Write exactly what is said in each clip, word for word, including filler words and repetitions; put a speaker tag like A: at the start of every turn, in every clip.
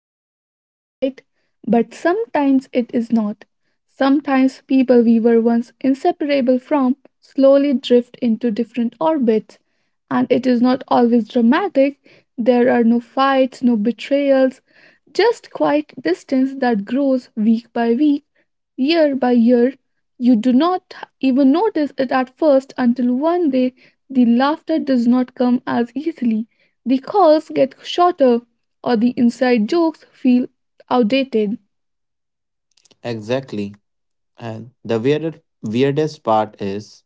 A: timeless, right? But sometimes it is not. Sometimes people we were once inseparable from slowly drift into different orbits, and it is not always dramatic. There are no fights, no betrayals, just quiet distance that grows week by week, year by year. You do not even notice it at first until one day the laughter does not come as easily, the calls get shorter, or the inside jokes feel outdated,
B: Exactly. And the weirder weirdest part is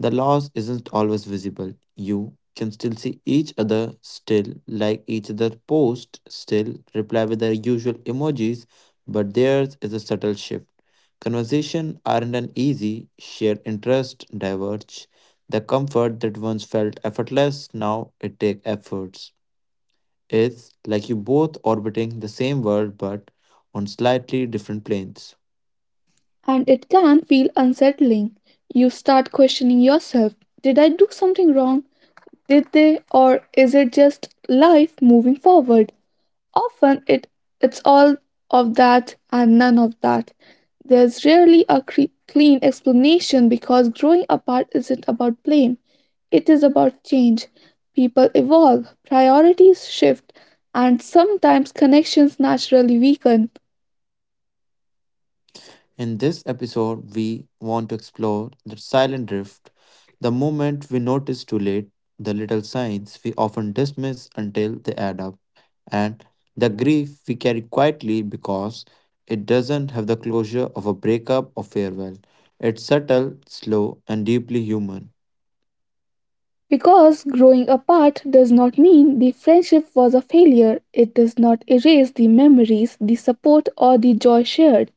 B: the loss isn't always visible. You can still see each other, still like each other post, still reply with the usual emojis, but theirs is a subtle shift. Conversation aren't an easy, shared interest diverge. The comfort that once felt effortless now it takes efforts. It's like you both orbiting the same world but on slightly different planes.
A: and it can feel unsettling. You start questioning yourself. Did I do something wrong? Did they, or is it just life moving forward? Often it it's all of that and none of that. There's rarely a cre- clean explanation because growing apart isn't about blame. It is about change. People evolve, priorities shift, and sometimes connections naturally weaken.
B: In this episode, we want to explore the silent drift, the moment we notice too late, the little signs we often dismiss until they add up, and the grief we carry quietly because it doesn't have the closure of a breakup or farewell. It's subtle, slow, and deeply human.
A: Because growing apart does not mean the friendship was a failure, it does not erase the memories, the support, or the joy shared.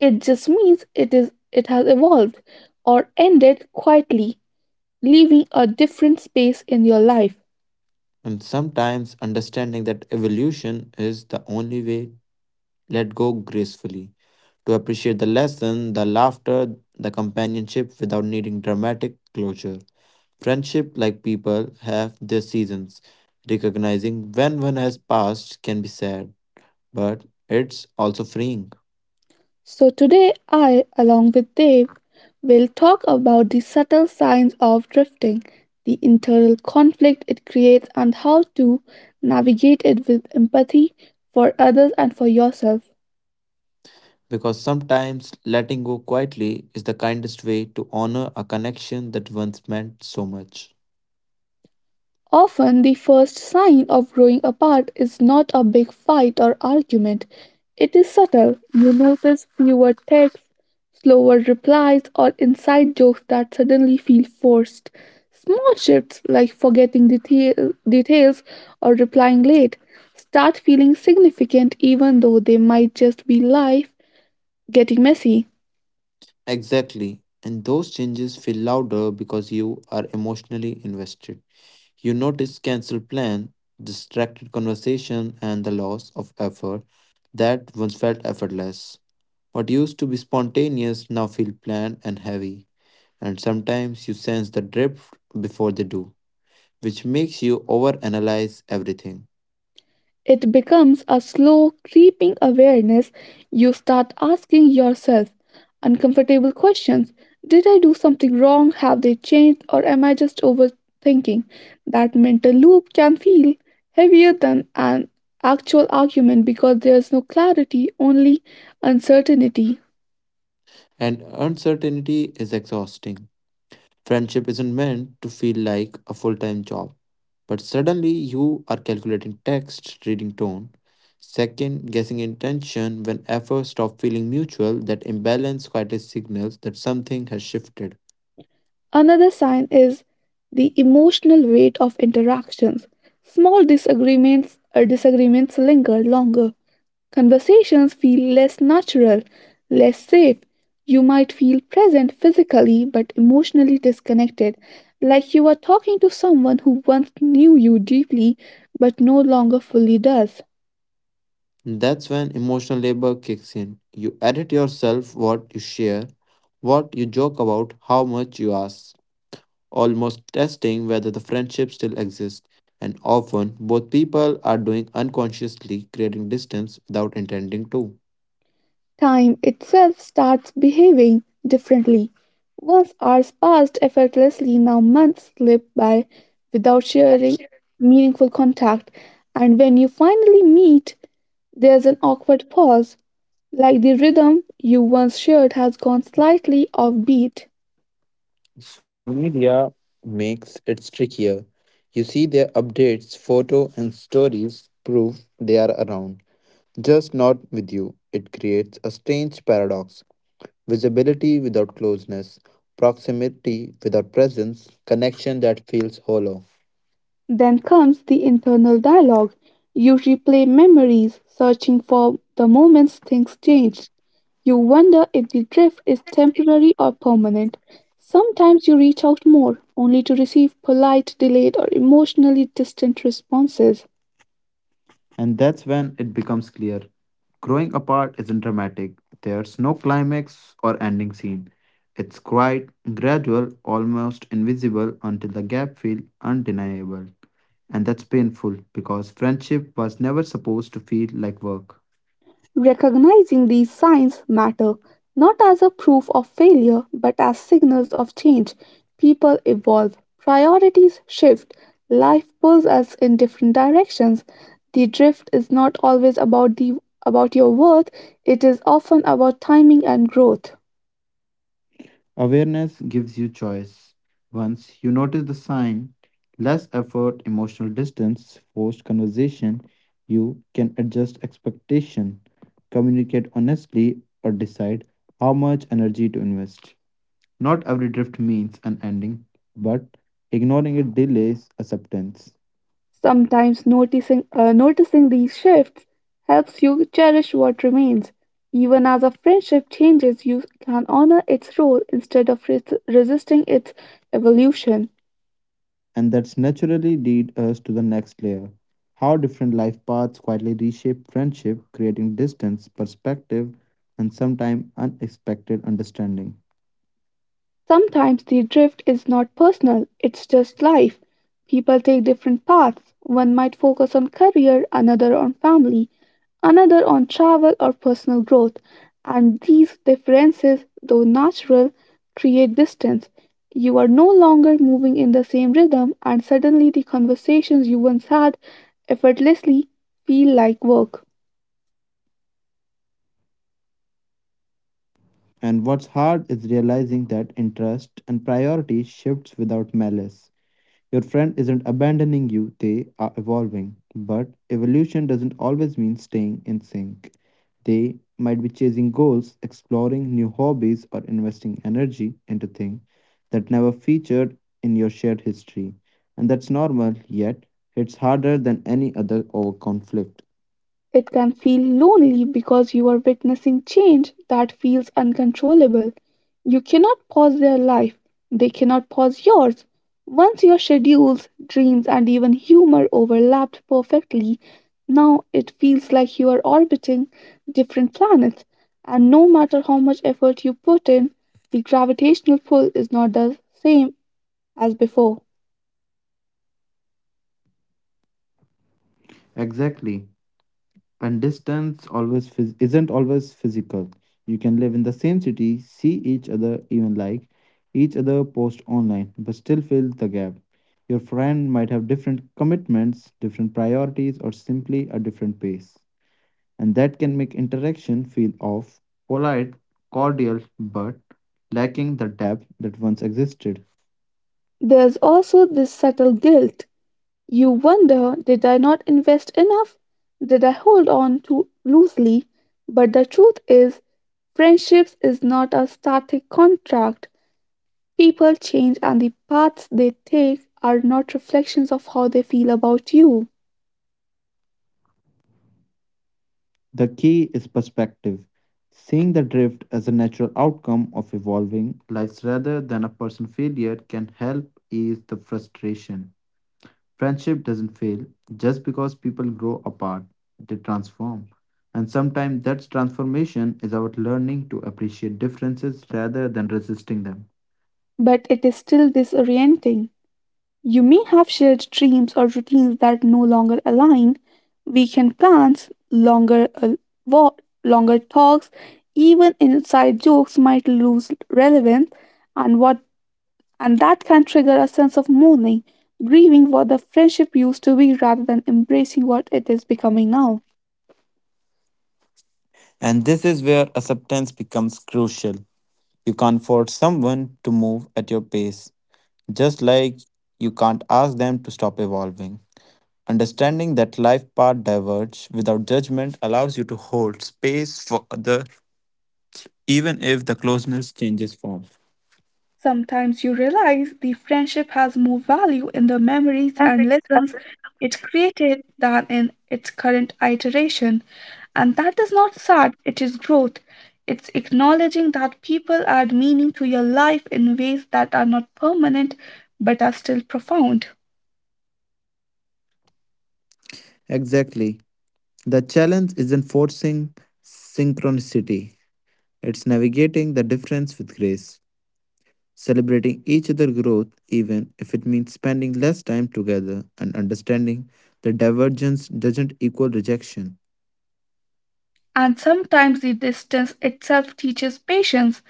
A: It just means it is it has evolved or ended quietly, leaving a different space in your life.
B: And sometimes understanding that evolution is the only way let go gracefully. To appreciate the lesson, the laughter, the companionship without needing dramatic closure. Friendship, like people, have their seasons. Recognizing when one has passed can be sad, but it's also freeing
A: So today I, along with Dave, will talk about the subtle signs of drifting, the internal conflict it creates, and how to navigate it with empathy for others and for yourself.
B: because sometimes letting go quietly is the kindest way to honor a connection that once meant so much.
A: Often, the first sign of growing apart is not a big fight or argument. It is subtle. You notice fewer texts, slower replies, or inside jokes that suddenly feel forced. Small shifts like forgetting detail, details or replying late start feeling significant even though they might just be life getting messy.
B: Exactly, and those changes feel louder because you are emotionally invested. You notice canceled plan, distracted conversation, and the loss of effort that once felt effortless. What used to be spontaneous now feel planned and heavy, and sometimes you sense the drift before they do, which makes you overanalyze everything.
A: It becomes a slow, creeping awareness. You start asking yourself uncomfortable questions. Did I do something wrong? Have they changed? Or am I just overthinking? That mental loop can feel heavier than an actual argument because there's no clarity, only uncertainty.
B: And uncertainty is exhausting. Friendship isn't meant to feel like a full time job, but suddenly you are calculating text, reading tone, second guessing intention when efforts stop feeling mutual. That imbalance quietly signals that something has shifted.
A: Another sign is the emotional weight of interactions. Small disagreements or disagreements linger longer. Conversations feel less natural, less safe. You might feel present physically but emotionally disconnected, like you are talking to someone who once knew you deeply but no longer fully does.
B: That's when emotional labor kicks in. You edit yourself, what you share, what you joke about, how much you ask, almost testing whether the friendship still exists. And often, both people are doing unconsciously, creating distance without intending to.
A: Time itself starts behaving differently. Once hours passed effortlessly, now months slip by without sharing meaningful contact, and when you finally meet, there's an awkward pause, like the rhythm you once shared has gone slightly offbeat.
B: Social media makes it trickier. You see their updates, photo, and stories prove they are around, just not with you. It creates a strange paradox: visibility without closeness, proximity without presence, connection that feels hollow.
A: Then comes the internal dialogue. You replay memories, searching for the moments things changed. You wonder if the drift is temporary or permanent. Sometimes you reach out more, only to receive polite, delayed, or emotionally distant responses.
B: And that's when it becomes clear. Growing apart isn't dramatic. There's no climax or ending scene. It's quite gradual, almost invisible until the gap feels undeniable. And that's painful because friendship was never supposed to feel like work.
A: Recognizing these signs matter, not as a proof of failure but as signals of change. People evolve, priorities shift, life pulls us in different directions. The drift is not always about the about your worth, it is often about timing and growth.
B: Awareness gives you choice. Once you notice the sign, less effort, emotional distance, forced conversation, you can adjust expectation, communicate honestly, or decide how much energy to invest. Not every drift means an ending, but ignoring it delays acceptance.
A: Sometimes noticing, uh, noticing these shifts helps you cherish what remains. Even as a friendship changes, you can honor its role instead of res- resisting its evolution.
B: And that's naturally lead us to the next layer. How different life paths quietly reshape friendship, creating distance, perspective, and sometimes unexpected understanding.
A: Sometimes the drift is not personal, it's just life. People take different paths. One might focus on career, another on family, another on travel or personal growth. And these differences, though natural, create distance. You are no longer moving in the same rhythm, and suddenly the conversations you once had effortlessly feel like work.
B: And what's hard is realizing that interest and priority shifts without malice. Your friend isn't abandoning you, they are evolving. But evolution doesn't always mean staying in sync. They might be chasing goals, exploring new hobbies, or investing energy into things that never featured in your shared history. And that's normal, yet it's harder than any other over conflict.
A: It can feel lonely because you are witnessing change that feels uncontrollable. You cannot pause their life, they cannot pause yours. Once your schedules, dreams, and even humor overlapped perfectly, now it feels like you are orbiting different planets. And no matter how much effort you put in, the gravitational pull is not the same as before.
B: Exactly. And distance always phys- isn't always physical. You can live in the same city, see each other, even like each other post online, but still feel the gap. Your friend might have different commitments, different priorities, or simply a different pace. And that can make interaction feel off, polite, cordial, but lacking the depth that once existed.
A: There's also this subtle guilt. You wonder, did I not invest enough? Did I hold on too loosely? But the truth is, friendships is not a static contract. People change, and the paths they take are not reflections of how they feel about you.
B: The key is perspective, seeing the drift as a natural outcome of evolving lives rather than a personal failure can help ease the frustration. Friendship doesn't fail just because people grow apart, they transform. And sometimes that transformation is about learning to appreciate differences rather than resisting them.
A: But it is still disorienting. You may have shared dreams or routines that no longer align, weekend plans, longer uh, wa- longer talks, even inside jokes might lose relevance, and what and that can trigger a sense of mourning, grieving what the friendship used to be rather than embracing what it is becoming now.
B: And this is where acceptance becomes crucial. You can't force someone to move at your pace, just like you can't ask them to stop evolving. Understanding that life paths diverge without judgment allows you to hold space for other even if the closeness changes form.
A: Sometimes you realize the friendship has more value in the memories and lessons it created than in its current iteration. And that is not sad, it is growth. It's acknowledging that people add meaning to your life in ways that are not permanent but are still profound.
B: Exactly. The challenge isn't forcing synchronicity, it's navigating the difference with grace, celebrating each other's growth, even if it means spending less time together, and understanding that divergence doesn't equal rejection.
A: And sometimes the distance itself teaches patience,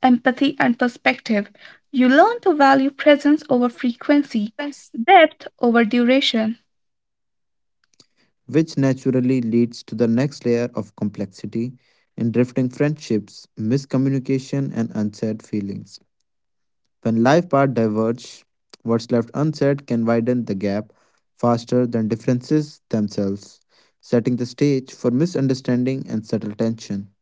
A: empathy, and perspective. You learn to value presence over frequency, depth over duration.
B: Which naturally leads to the next layer of complexity in drifting friendships, miscommunication, and unsaid feelings. When life paths diverge, what's left unsaid can widen the gap faster than differences themselves, setting the stage for misunderstanding and subtle tension.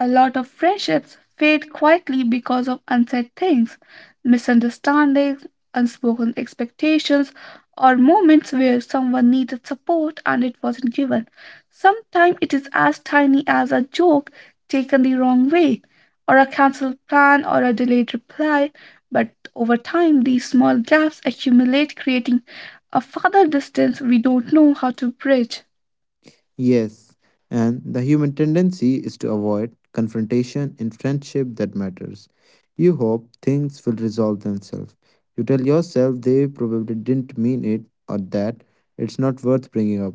A: A lot of friendships fade quietly because of unsaid things, misunderstandings, unspoken expectations, or moments where someone needed support and it wasn't given. Sometimes it is as tiny as a joke taken the wrong way, or a cancelled plan, or a delayed reply. But over time, these small gaps accumulate, creating a further distance we don't know how to bridge.
B: Yes, and the human tendency is to avoid confrontation in friendship that matters. You hope things will resolve themselves. You tell yourself they probably didn't mean it or that it's not worth bringing up.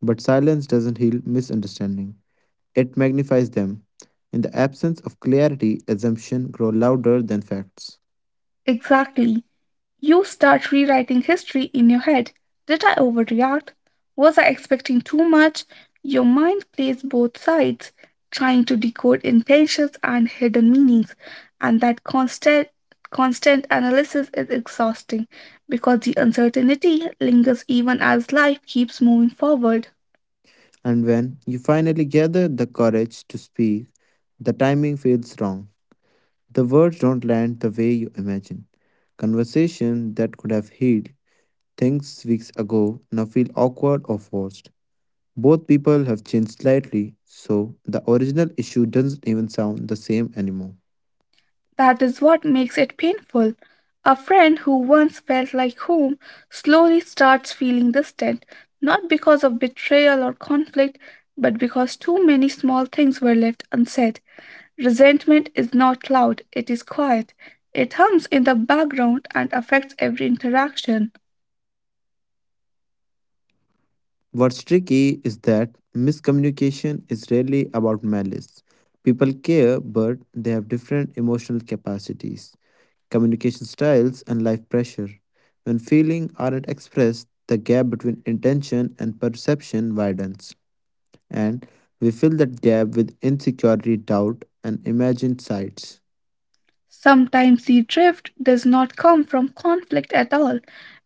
B: But silence doesn't heal misunderstanding, it magnifies them. In the absence of clarity, assumptions grow louder than facts.
A: Exactly. You start rewriting history in your head. Did I overreact? Was I expecting too much? Your mind plays both sides, trying to decode intentions and hidden meanings, and that constant constant analysis is exhausting because the uncertainty lingers even as life keeps moving forward.
B: And when you finally gather the courage to speak, the timing feels wrong. The words don't land the way you imagine. Conversation that could have healed things weeks ago now feel awkward or forced. Both people have changed slightly, so the original issue doesn't even sound the same anymore.
A: That is what makes it painful. A friend who once felt like home slowly starts feeling distant, not because of betrayal or conflict, but because too many small things were left unsaid. Resentment is not loud, it is quiet. It hums in the background and affects every interaction.
B: What's tricky is that miscommunication is rarely about malice. People care, but they have different emotional capacities, communication styles, and life pressure. When feelings aren't expressed, the gap between intention and perception widens, and we fill that gap with insecurity, doubt, and imagined sights.
A: Sometimes the drift does not come from conflict at all,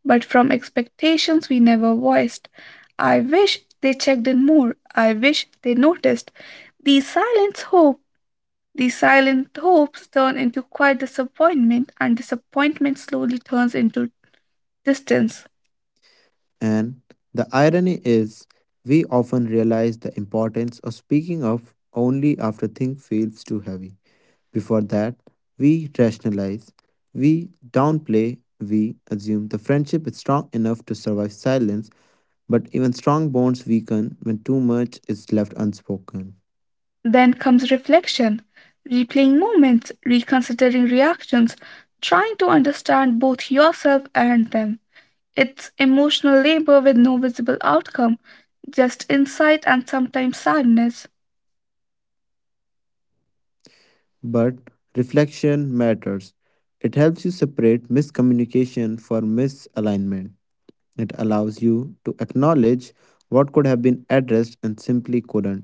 A: but from expectations we never voiced. I wish they checked in more. I wish they noticed. The silent hope, the silent hopes turn into quiet disappointment, and disappointment slowly turns into distance.
B: And the irony is, we often realize the importance of speaking up only after things feels too heavy. Before that, we rationalize, we downplay, we assume the friendship is strong enough to survive silence, but even strong bonds weaken when too much is left unspoken.
A: Then comes reflection, replaying moments, reconsidering reactions, trying to understand both yourself and them. It's emotional labor with no visible outcome, just insight and sometimes sadness.
B: But reflection matters. It helps you separate miscommunication from misalignment. It allows you to acknowledge what could have been addressed and simply couldn't.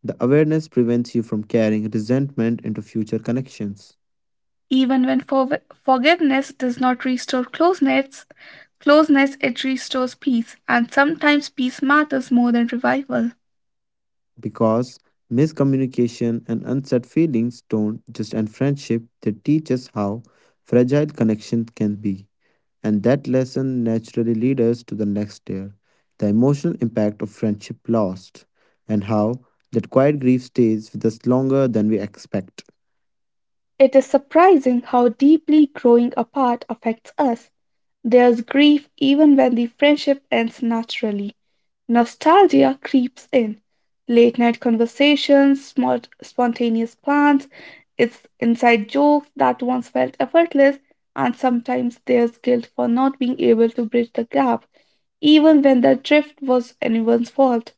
B: The awareness prevents you from carrying resentment into future connections.
A: Even when forv- forgiveness does not restore closeness, closeness it restores peace, and sometimes peace matters more than revival.
B: Because miscommunication and unsaid feelings don't just end friendship, they teach us how fragile connections can be. And that lesson naturally leads us to the next layer, the emotional impact of friendship lost, and how that quiet grief stays with us longer than we expect.
A: It is surprising how deeply growing apart affects us. There's grief even when the friendship ends naturally. Nostalgia creeps in. Late night conversations, small, spontaneous plans, it's inside jokes that once felt effortless, and sometimes there's guilt for not being able to bridge the gap, even when the drift was anyone's fault.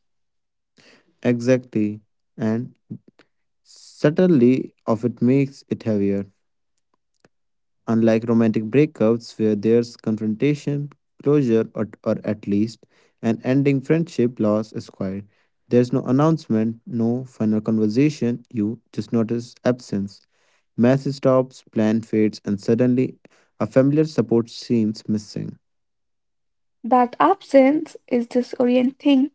B: Exactly. And subtly of it makes it heavier. Unlike romantic breakups, where there's confrontation, closure, or, or at least an ending, friendship loss is quiet. There's no announcement, no final conversation, you just notice absence. Message stops, plan fades, and suddenly a familiar support seems missing.
A: That absence is disorienting.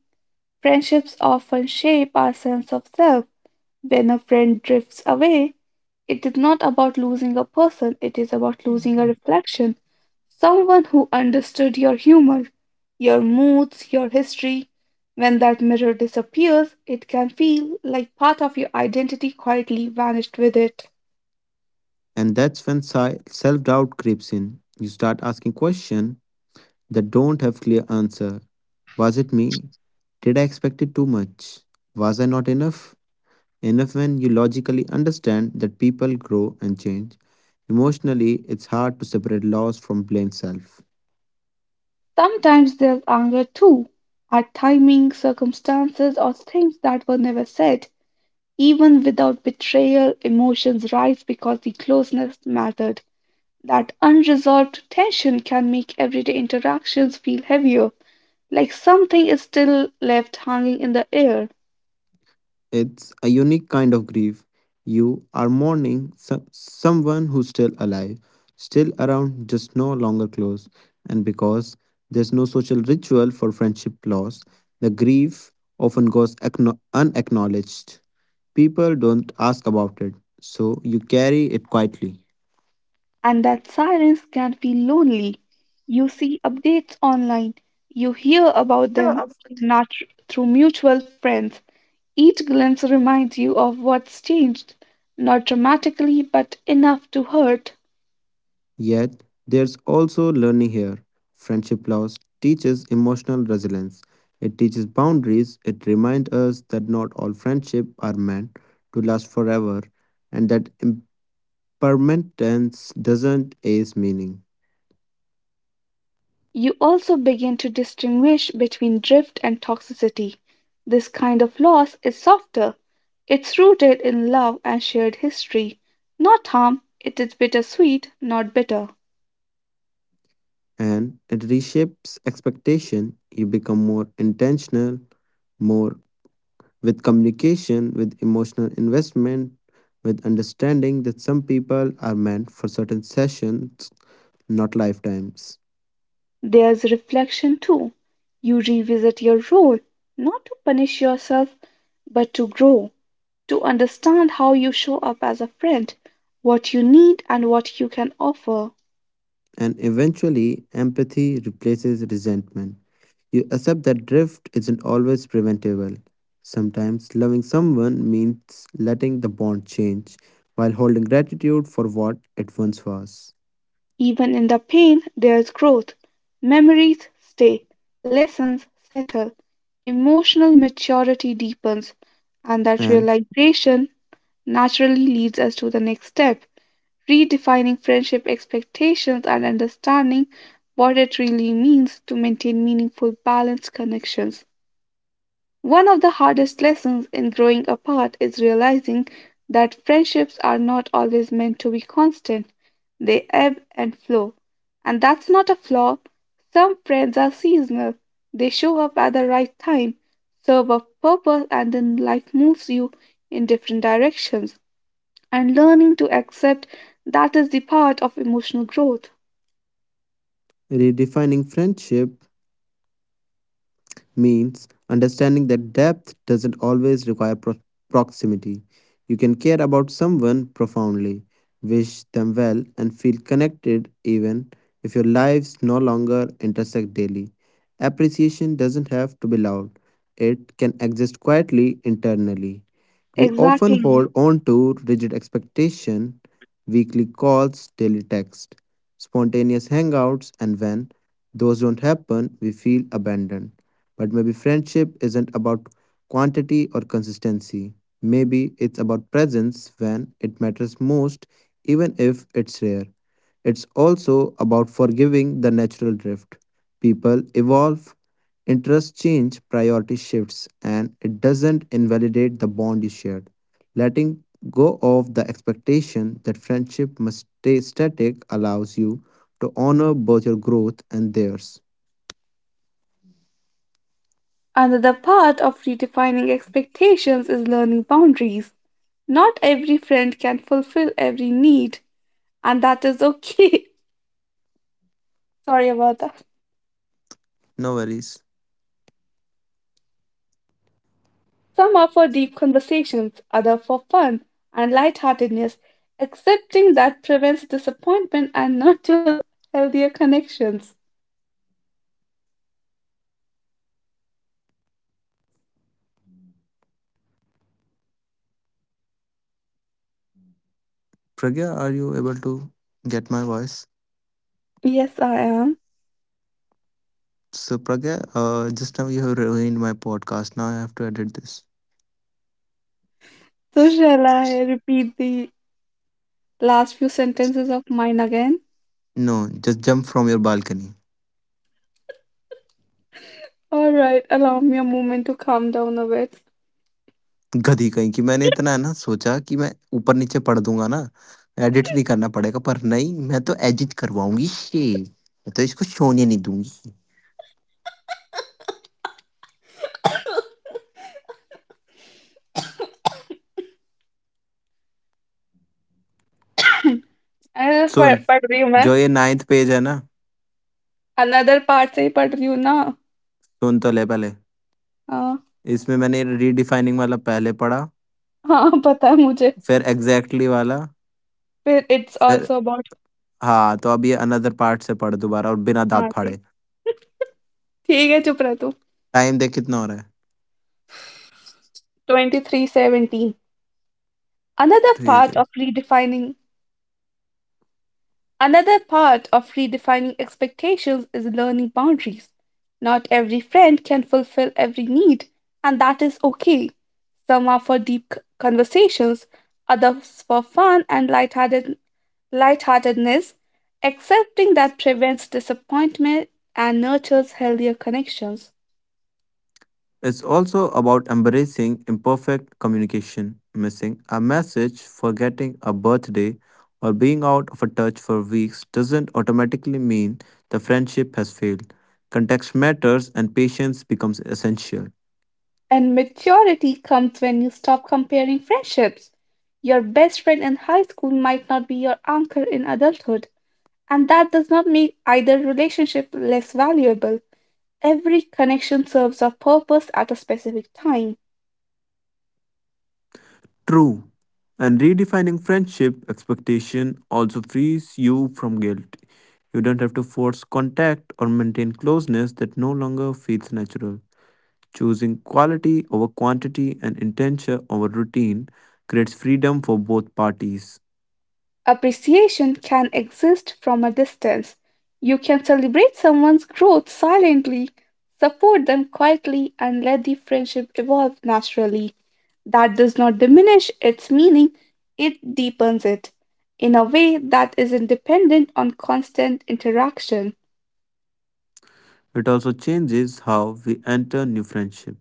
A: Friendships often shape our sense of self. When a friend drifts away, it is not about losing a person, it is about losing a reflection. Someone who understood your humor, your moods, your history. When that mirror disappears, it can feel like part of your identity quietly vanished with it.
B: And that's when self doubt creeps in. You start asking questions that don't have clear answer. Was it me? Did I expect it too much? Was I not enough? Enough when you logically understand that people grow and change. Emotionally, it's hard to separate loss from blame self.
A: Sometimes there's anger too, at timing, circumstances, or things that were never said. Even without betrayal, emotions rise because the closeness mattered. That unresolved tension can make everyday interactions feel heavier, like something is still left hanging in the air.
B: It's a unique kind of grief. You are mourning some, someone who's still alive, still around, just no longer close. And because there's no social ritual for friendship loss, the grief often goes acknow- unacknowledged. People don't ask about it, so you carry it quietly.
A: And that silence can feel lonely. You see updates online, you hear about them, not through mutual friends. Each glimpse reminds you of what's changed, not dramatically, but enough to hurt.
B: Yet, there's also learning here. Friendship loss teaches emotional resilience. It teaches boundaries. It reminds us that not all friendships are meant to last forever and that impermanence doesn't erase meaning.
A: You also begin to distinguish between drift and toxicity. This kind of loss is softer. It's rooted in love and shared history, not harm. It is bittersweet, not bitter.
B: And it reshapes expectation. You become more intentional, more with communication, with emotional investment, with understanding that some people are meant for certain sessions, not lifetimes.
A: There's reflection too. You revisit your role, not to punish yourself, but to grow, to understand how you show up as a friend, what you need, and what you can offer.
B: And eventually empathy replaces resentment. You accept that drift isn't always preventable. Sometimes loving someone means letting the bond change while holding gratitude for what it once was.
A: Even in the pain, there's growth. Memories stay, lessons settle, emotional maturity deepens, and that
B: And
A: realization naturally leads us to the next step: redefining friendship expectations and understanding what it really means to maintain meaningful, balanced connections. One of the hardest lessons in growing apart is realizing that friendships are not always meant to be constant. They ebb and flow. And that's not a flaw. Some friends are seasonal. They show up at the right time, serve a purpose, and then life moves you in different directions. And learning to accept that is the part of emotional growth.
B: redefining friendship means understanding that depth doesn't always require pro- proximity. You can care about someone profoundly, wish them well, and feel connected even if your lives no longer intersect daily. Appreciation doesn't have to be loud, it can exist quietly internally. We often
A: Exactly.
B: hold on to rigid expectation, weekly calls, daily text, spontaneous hangouts, and when those don't happen, we feel abandoned. But maybe friendship isn't about quantity or consistency. Maybe it's about presence when it matters most, even if it's rare. It's also about forgiving the natural drift. People evolve, interests change, priority shifts, and it doesn't invalidate the bond you shared. Letting go of the expectation that friendship must stay static allows you to honor both your growth and theirs.
A: Another part of redefining expectations is learning boundaries. Not every friend can fulfill every need, and that is okay. Sorry about that.
B: No worries.
A: Some are for deep conversations, others for fun and lightheartedness. Accepting that prevents disappointment and nurtures healthier connections.
B: Pragya, are you able to get my voice?
A: Yes, I am.
B: So, Pragya, uh, just now you have ruined my podcast. Now I have to edit this.
A: So, shall I repeat the last few sentences of mine again?
B: No, just jump from your balcony.
A: All right, allow me a moment to calm down a bit.
B: गधी कहीं की मैंने इतना है ना सोचा कि मैं ऊपर नीचे पढ़ दूंगा ना एडिट नहीं करना पड़ेगा पर नहीं मैं तो एडिट करवाऊंगी शे मैं तो इसको सोने नहीं दूंगी
A: अरे, पढ़
B: सुन
A: पढ़ रही हूँ मैं।
B: जो ये नाइन्थ पेज है ना
A: अनदर पार्ट से ही पढ़ रही हूँ ना।
B: सुन तो ले पहले
A: हाँ।
B: इसमें मैंने रीडिफाइनिंग वाला पहले पढ़ा
A: हाँ पता है मुझे।
B: फिर एग्जैक्टली वाला
A: फिर इट्स
B: फिर
A: ऑल्सो अबाउut।
B: हाँ तो अब ये अनदर पार्ट से पढ़ दोबारा और बिना
A: हाँ
B: दांत
A: जी।
B: फाड़े
A: ठीक है, चुप रह तू।
B: टाइम देख कितना हो रहा है
A: twenty-three seventeen. another
B: ठीक
A: part
B: है
A: of redefining another part of redefining expectations is learning boundaries. Not every friend can fulfill every need, and that is okay. Some are for deep c- conversations, others for fun and lighthearted lightheartedness. Accepting that prevents disappointment and nurtures healthier connections.
B: It's also about embracing imperfect communication missing a message forgetting a birthday or being out of touch for weeks doesn't automatically mean the friendship has failed context matters and patience becomes essential
A: And maturity comes when you stop comparing friendships. Your best friend in high school might not be your anchor in adulthood, and that does not make either relationship less valuable. Every connection serves a purpose at a specific time.
B: true and redefining friendship expectation also frees you from guilt you don't have to force contact or maintain closeness that no longer feels natural. Choosing quality over quantity and intention over routine creates freedom for both parties.
A: Appreciation can exist from a distance. You can celebrate someone's growth silently, support them quietly, and let the friendship evolve naturally. That does not diminish its meaning, it deepens it in a way that isn't dependent on constant interaction.
B: It also changes how we enter new friendship.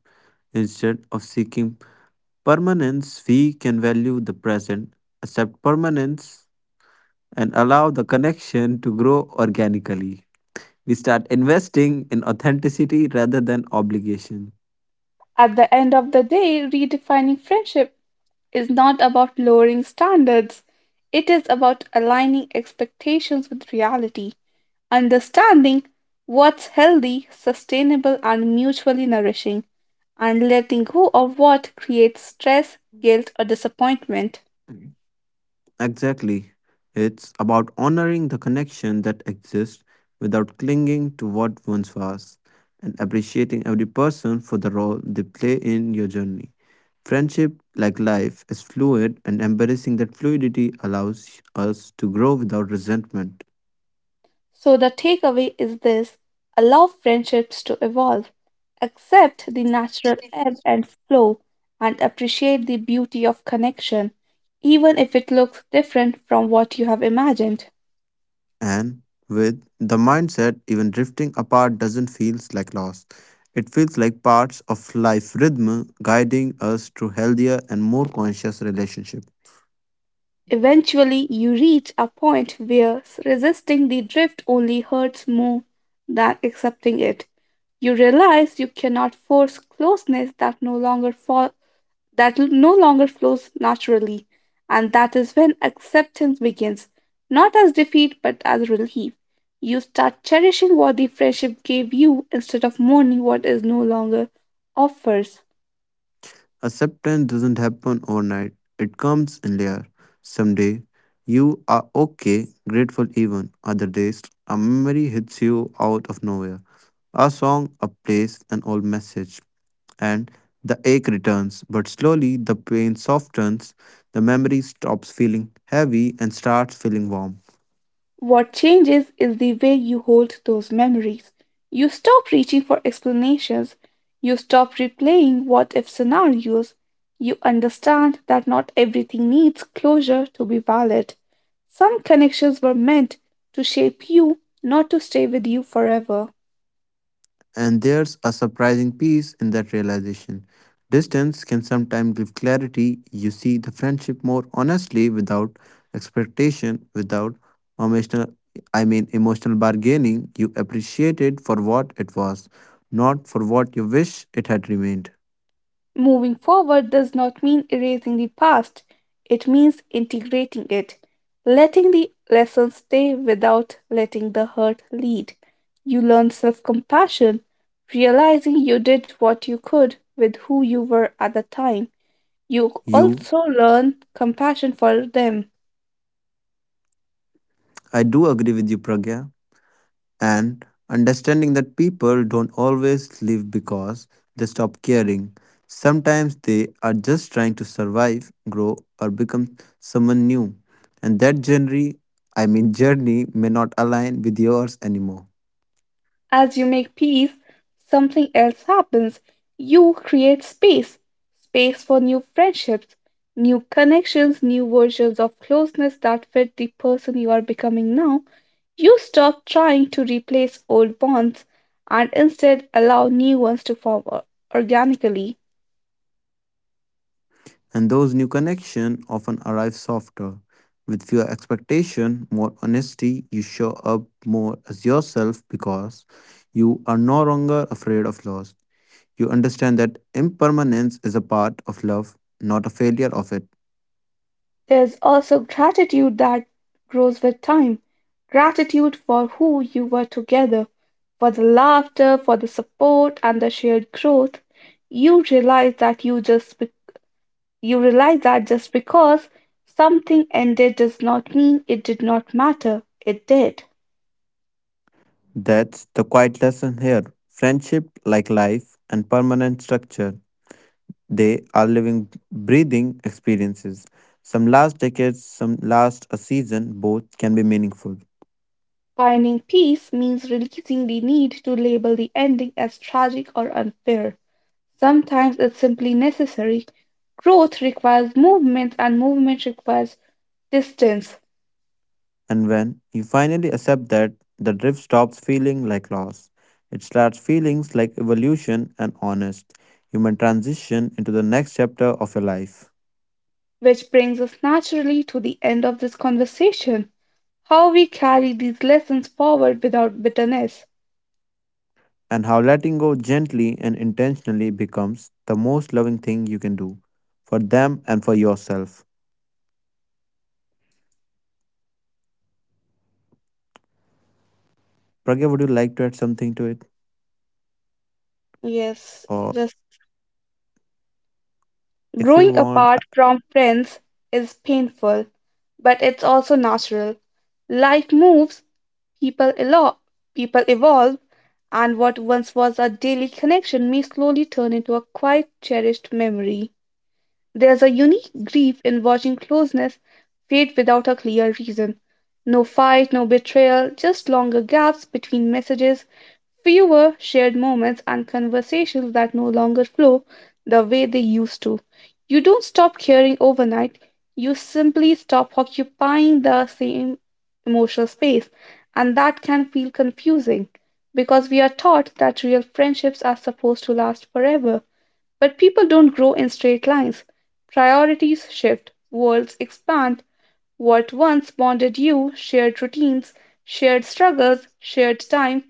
B: Instead of seeking permanence, we can value the present, accept permanence, and allow the connection to grow organically. We start investing in authenticity rather than obligation.
A: At the end of the day, redefining friendship is not about lowering standards, it is about aligning expectations with reality. Understanding what's healthy, sustainable, and mutually nourishing, and letting go of what creates stress, guilt, or disappointment.
B: Exactly. It's about honoring the connection that exists without clinging to what once was and appreciating every person for the role they play in your journey. Friendship, like life, is fluid, and embracing that fluidity allows us to grow without resentment.
A: So, the takeaway is this: allow friendships to evolve, accept the natural ebb and flow, and appreciate the beauty of connection, even if it looks different from what you have imagined.
B: And with the mindset, even drifting apart doesn't feel like loss. It feels like parts of life rhythm guiding us to healthier and more conscious relationship.
A: Eventually, you reach a point where resisting the drift only hurts more than accepting it. You realize you cannot force closeness that no longer fall, that no longer flows naturally, and that is when acceptance begins, not as defeat but as relief. You start cherishing what the friendship gave you instead of mourning what is no longer offers.
B: Acceptance doesn't happen overnight, it comes in layers. Some day you are okay, grateful even. Other days, a memory hits you out of nowhere. A song, a place, an old message. And the ache returns, but slowly the pain softens, the memory stops feeling heavy and starts feeling warm.
A: What changes is the way you hold those memories. You stop reaching for explanations. You stop replaying what if scenarios. You understand that not everything needs closure to be valid. Some connections were meant to shape you, not to stay with you forever.
B: And there's a surprising peace in that realization. Distance can sometimes give clarity. You see the friendship more honestly without expectation, without emotional I mean emotional bargaining. You appreciate it for what it was, not for what you wish it had remained.
A: Moving forward does not mean erasing the past, it means integrating it, letting the lessons stay without letting the hurt lead. You learn self compassion, realizing you did what you could with who you were at the time. You
B: You
A: also learn compassion for them.
B: I do agree with you, Pragya. And understanding that people don't always live because they stop caring. Sometimes they are just trying to survive, grow, or become someone new. And that journey, I mean journey, may not align with yours anymore.
A: As you make peace, something else happens. You create space, space for new friendships, new connections, new versions of closeness that fit the person you are becoming now. You stop trying to replace old bonds and instead allow new ones to form o- organically.
B: And those new connections often arrive softer, with fewer expectation, more honesty. You show up more as yourself because you are no longer afraid of loss. You understand that impermanence is a part of love, not a failure of it.
A: There's also gratitude that grows with time, gratitude for who you were together, for the laughter, for the support, and the shared growth. You realize that you just be- you realize that just because something ended does not mean it did not matter. It did.
B: That's the quiet lesson here. Friendship, like life and permanent structure, they are living, breathing experiences. Some last decades, some last a season, both can be meaningful.
A: Finding peace means releasing the need to label the ending as tragic or unfair. Sometimes it's simply necessary. Growth requires movement, and movement requires distance,
B: And when you finally accept that, the drift stops feeling like loss. It starts feelings like evolution and honest. Human transition into the next chapter of your life.
A: which brings us naturally to the end of this conversation. How we carry these lessons forward without bitterness.
B: And how letting go gently and intentionally becomes the most loving thing you can do for them and for yourself. Pragya, would you like to add something to it?
A: Yes,
B: Or
A: just
B: if
A: growing
B: you want,
A: apart from friends is painful, but it's also natural. Life moves, people elo- people evolve, and what once was a daily connection may slowly turn into a quite cherished memory. There's a unique grief in watching closeness fade without a clear reason. No fight, no betrayal, just longer gaps between messages, fewer shared moments, and conversations that no longer flow the way they used to. You don't stop caring overnight, you simply stop occupying the same emotional space, and that can feel confusing because we are taught that real friendships are supposed to last forever. But people don't grow in straight lines. Priorities shift, worlds expand. What once bonded you, shared routines, shared struggles, shared time,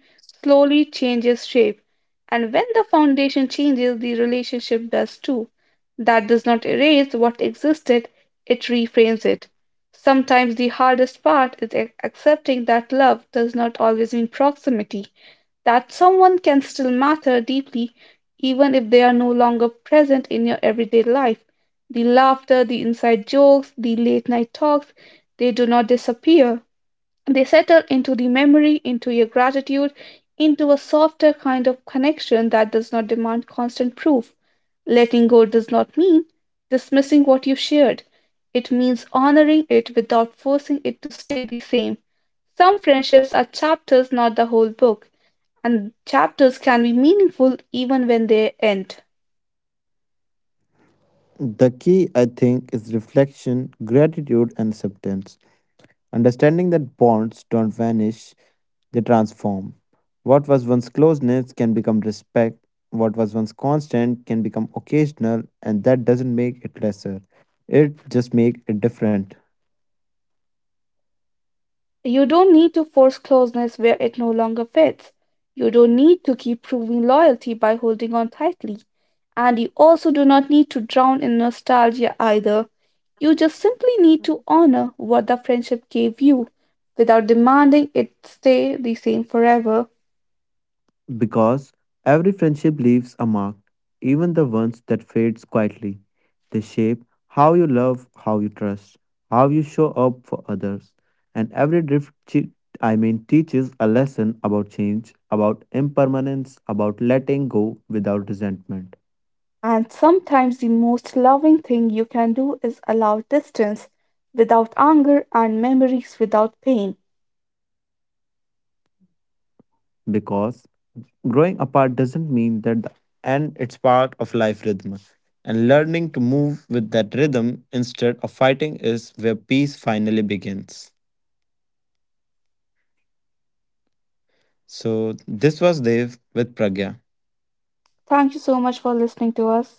A: slowly changes shape. And when the foundation changes, the relationship does too. That does not erase what existed, it reframes it. Sometimes the hardest part is ac- accepting that love does not always mean proximity, that someone can still matter deeply even if they are no longer present in your everyday life. The laughter, the inside jokes, the late night talks, they do not disappear. They settle into the memory, into your gratitude, into a softer kind of connection that does not demand constant proof. Letting go does not mean dismissing what you shared. It means honoring it without forcing it to stay the same. Some friendships are chapters, not the whole book, and chapters can be meaningful even when they end.
B: the key, I think, is reflection, gratitude, and acceptance. Understanding that bonds don't vanish, they transform. What was once closeness can become respect. What was once constant can become occasional, and that doesn't make it lesser. It just makes it different.
A: You don't need to force closeness where it no longer fits. You don't need to keep proving loyalty by holding on tightly. And you also do not need to drown in nostalgia either. You just simply need to honor what the friendship gave you without demanding it stay the same forever.
B: Because every friendship leaves a mark, even the ones that fades quietly. They shape how you love, how you trust, how you show up for others. And every drift, che- I mean, teaches a lesson about change, about impermanence, about letting go without resentment.
A: And sometimes the most loving thing you can do is allow distance without anger and memories without pain.
B: Because growing apart doesn't mean that the end, it's part of life rhythm. And learning to move with that rhythm instead of fighting is where peace finally begins. So, this was Dev with Pragya.
A: Thank you so much for listening to us.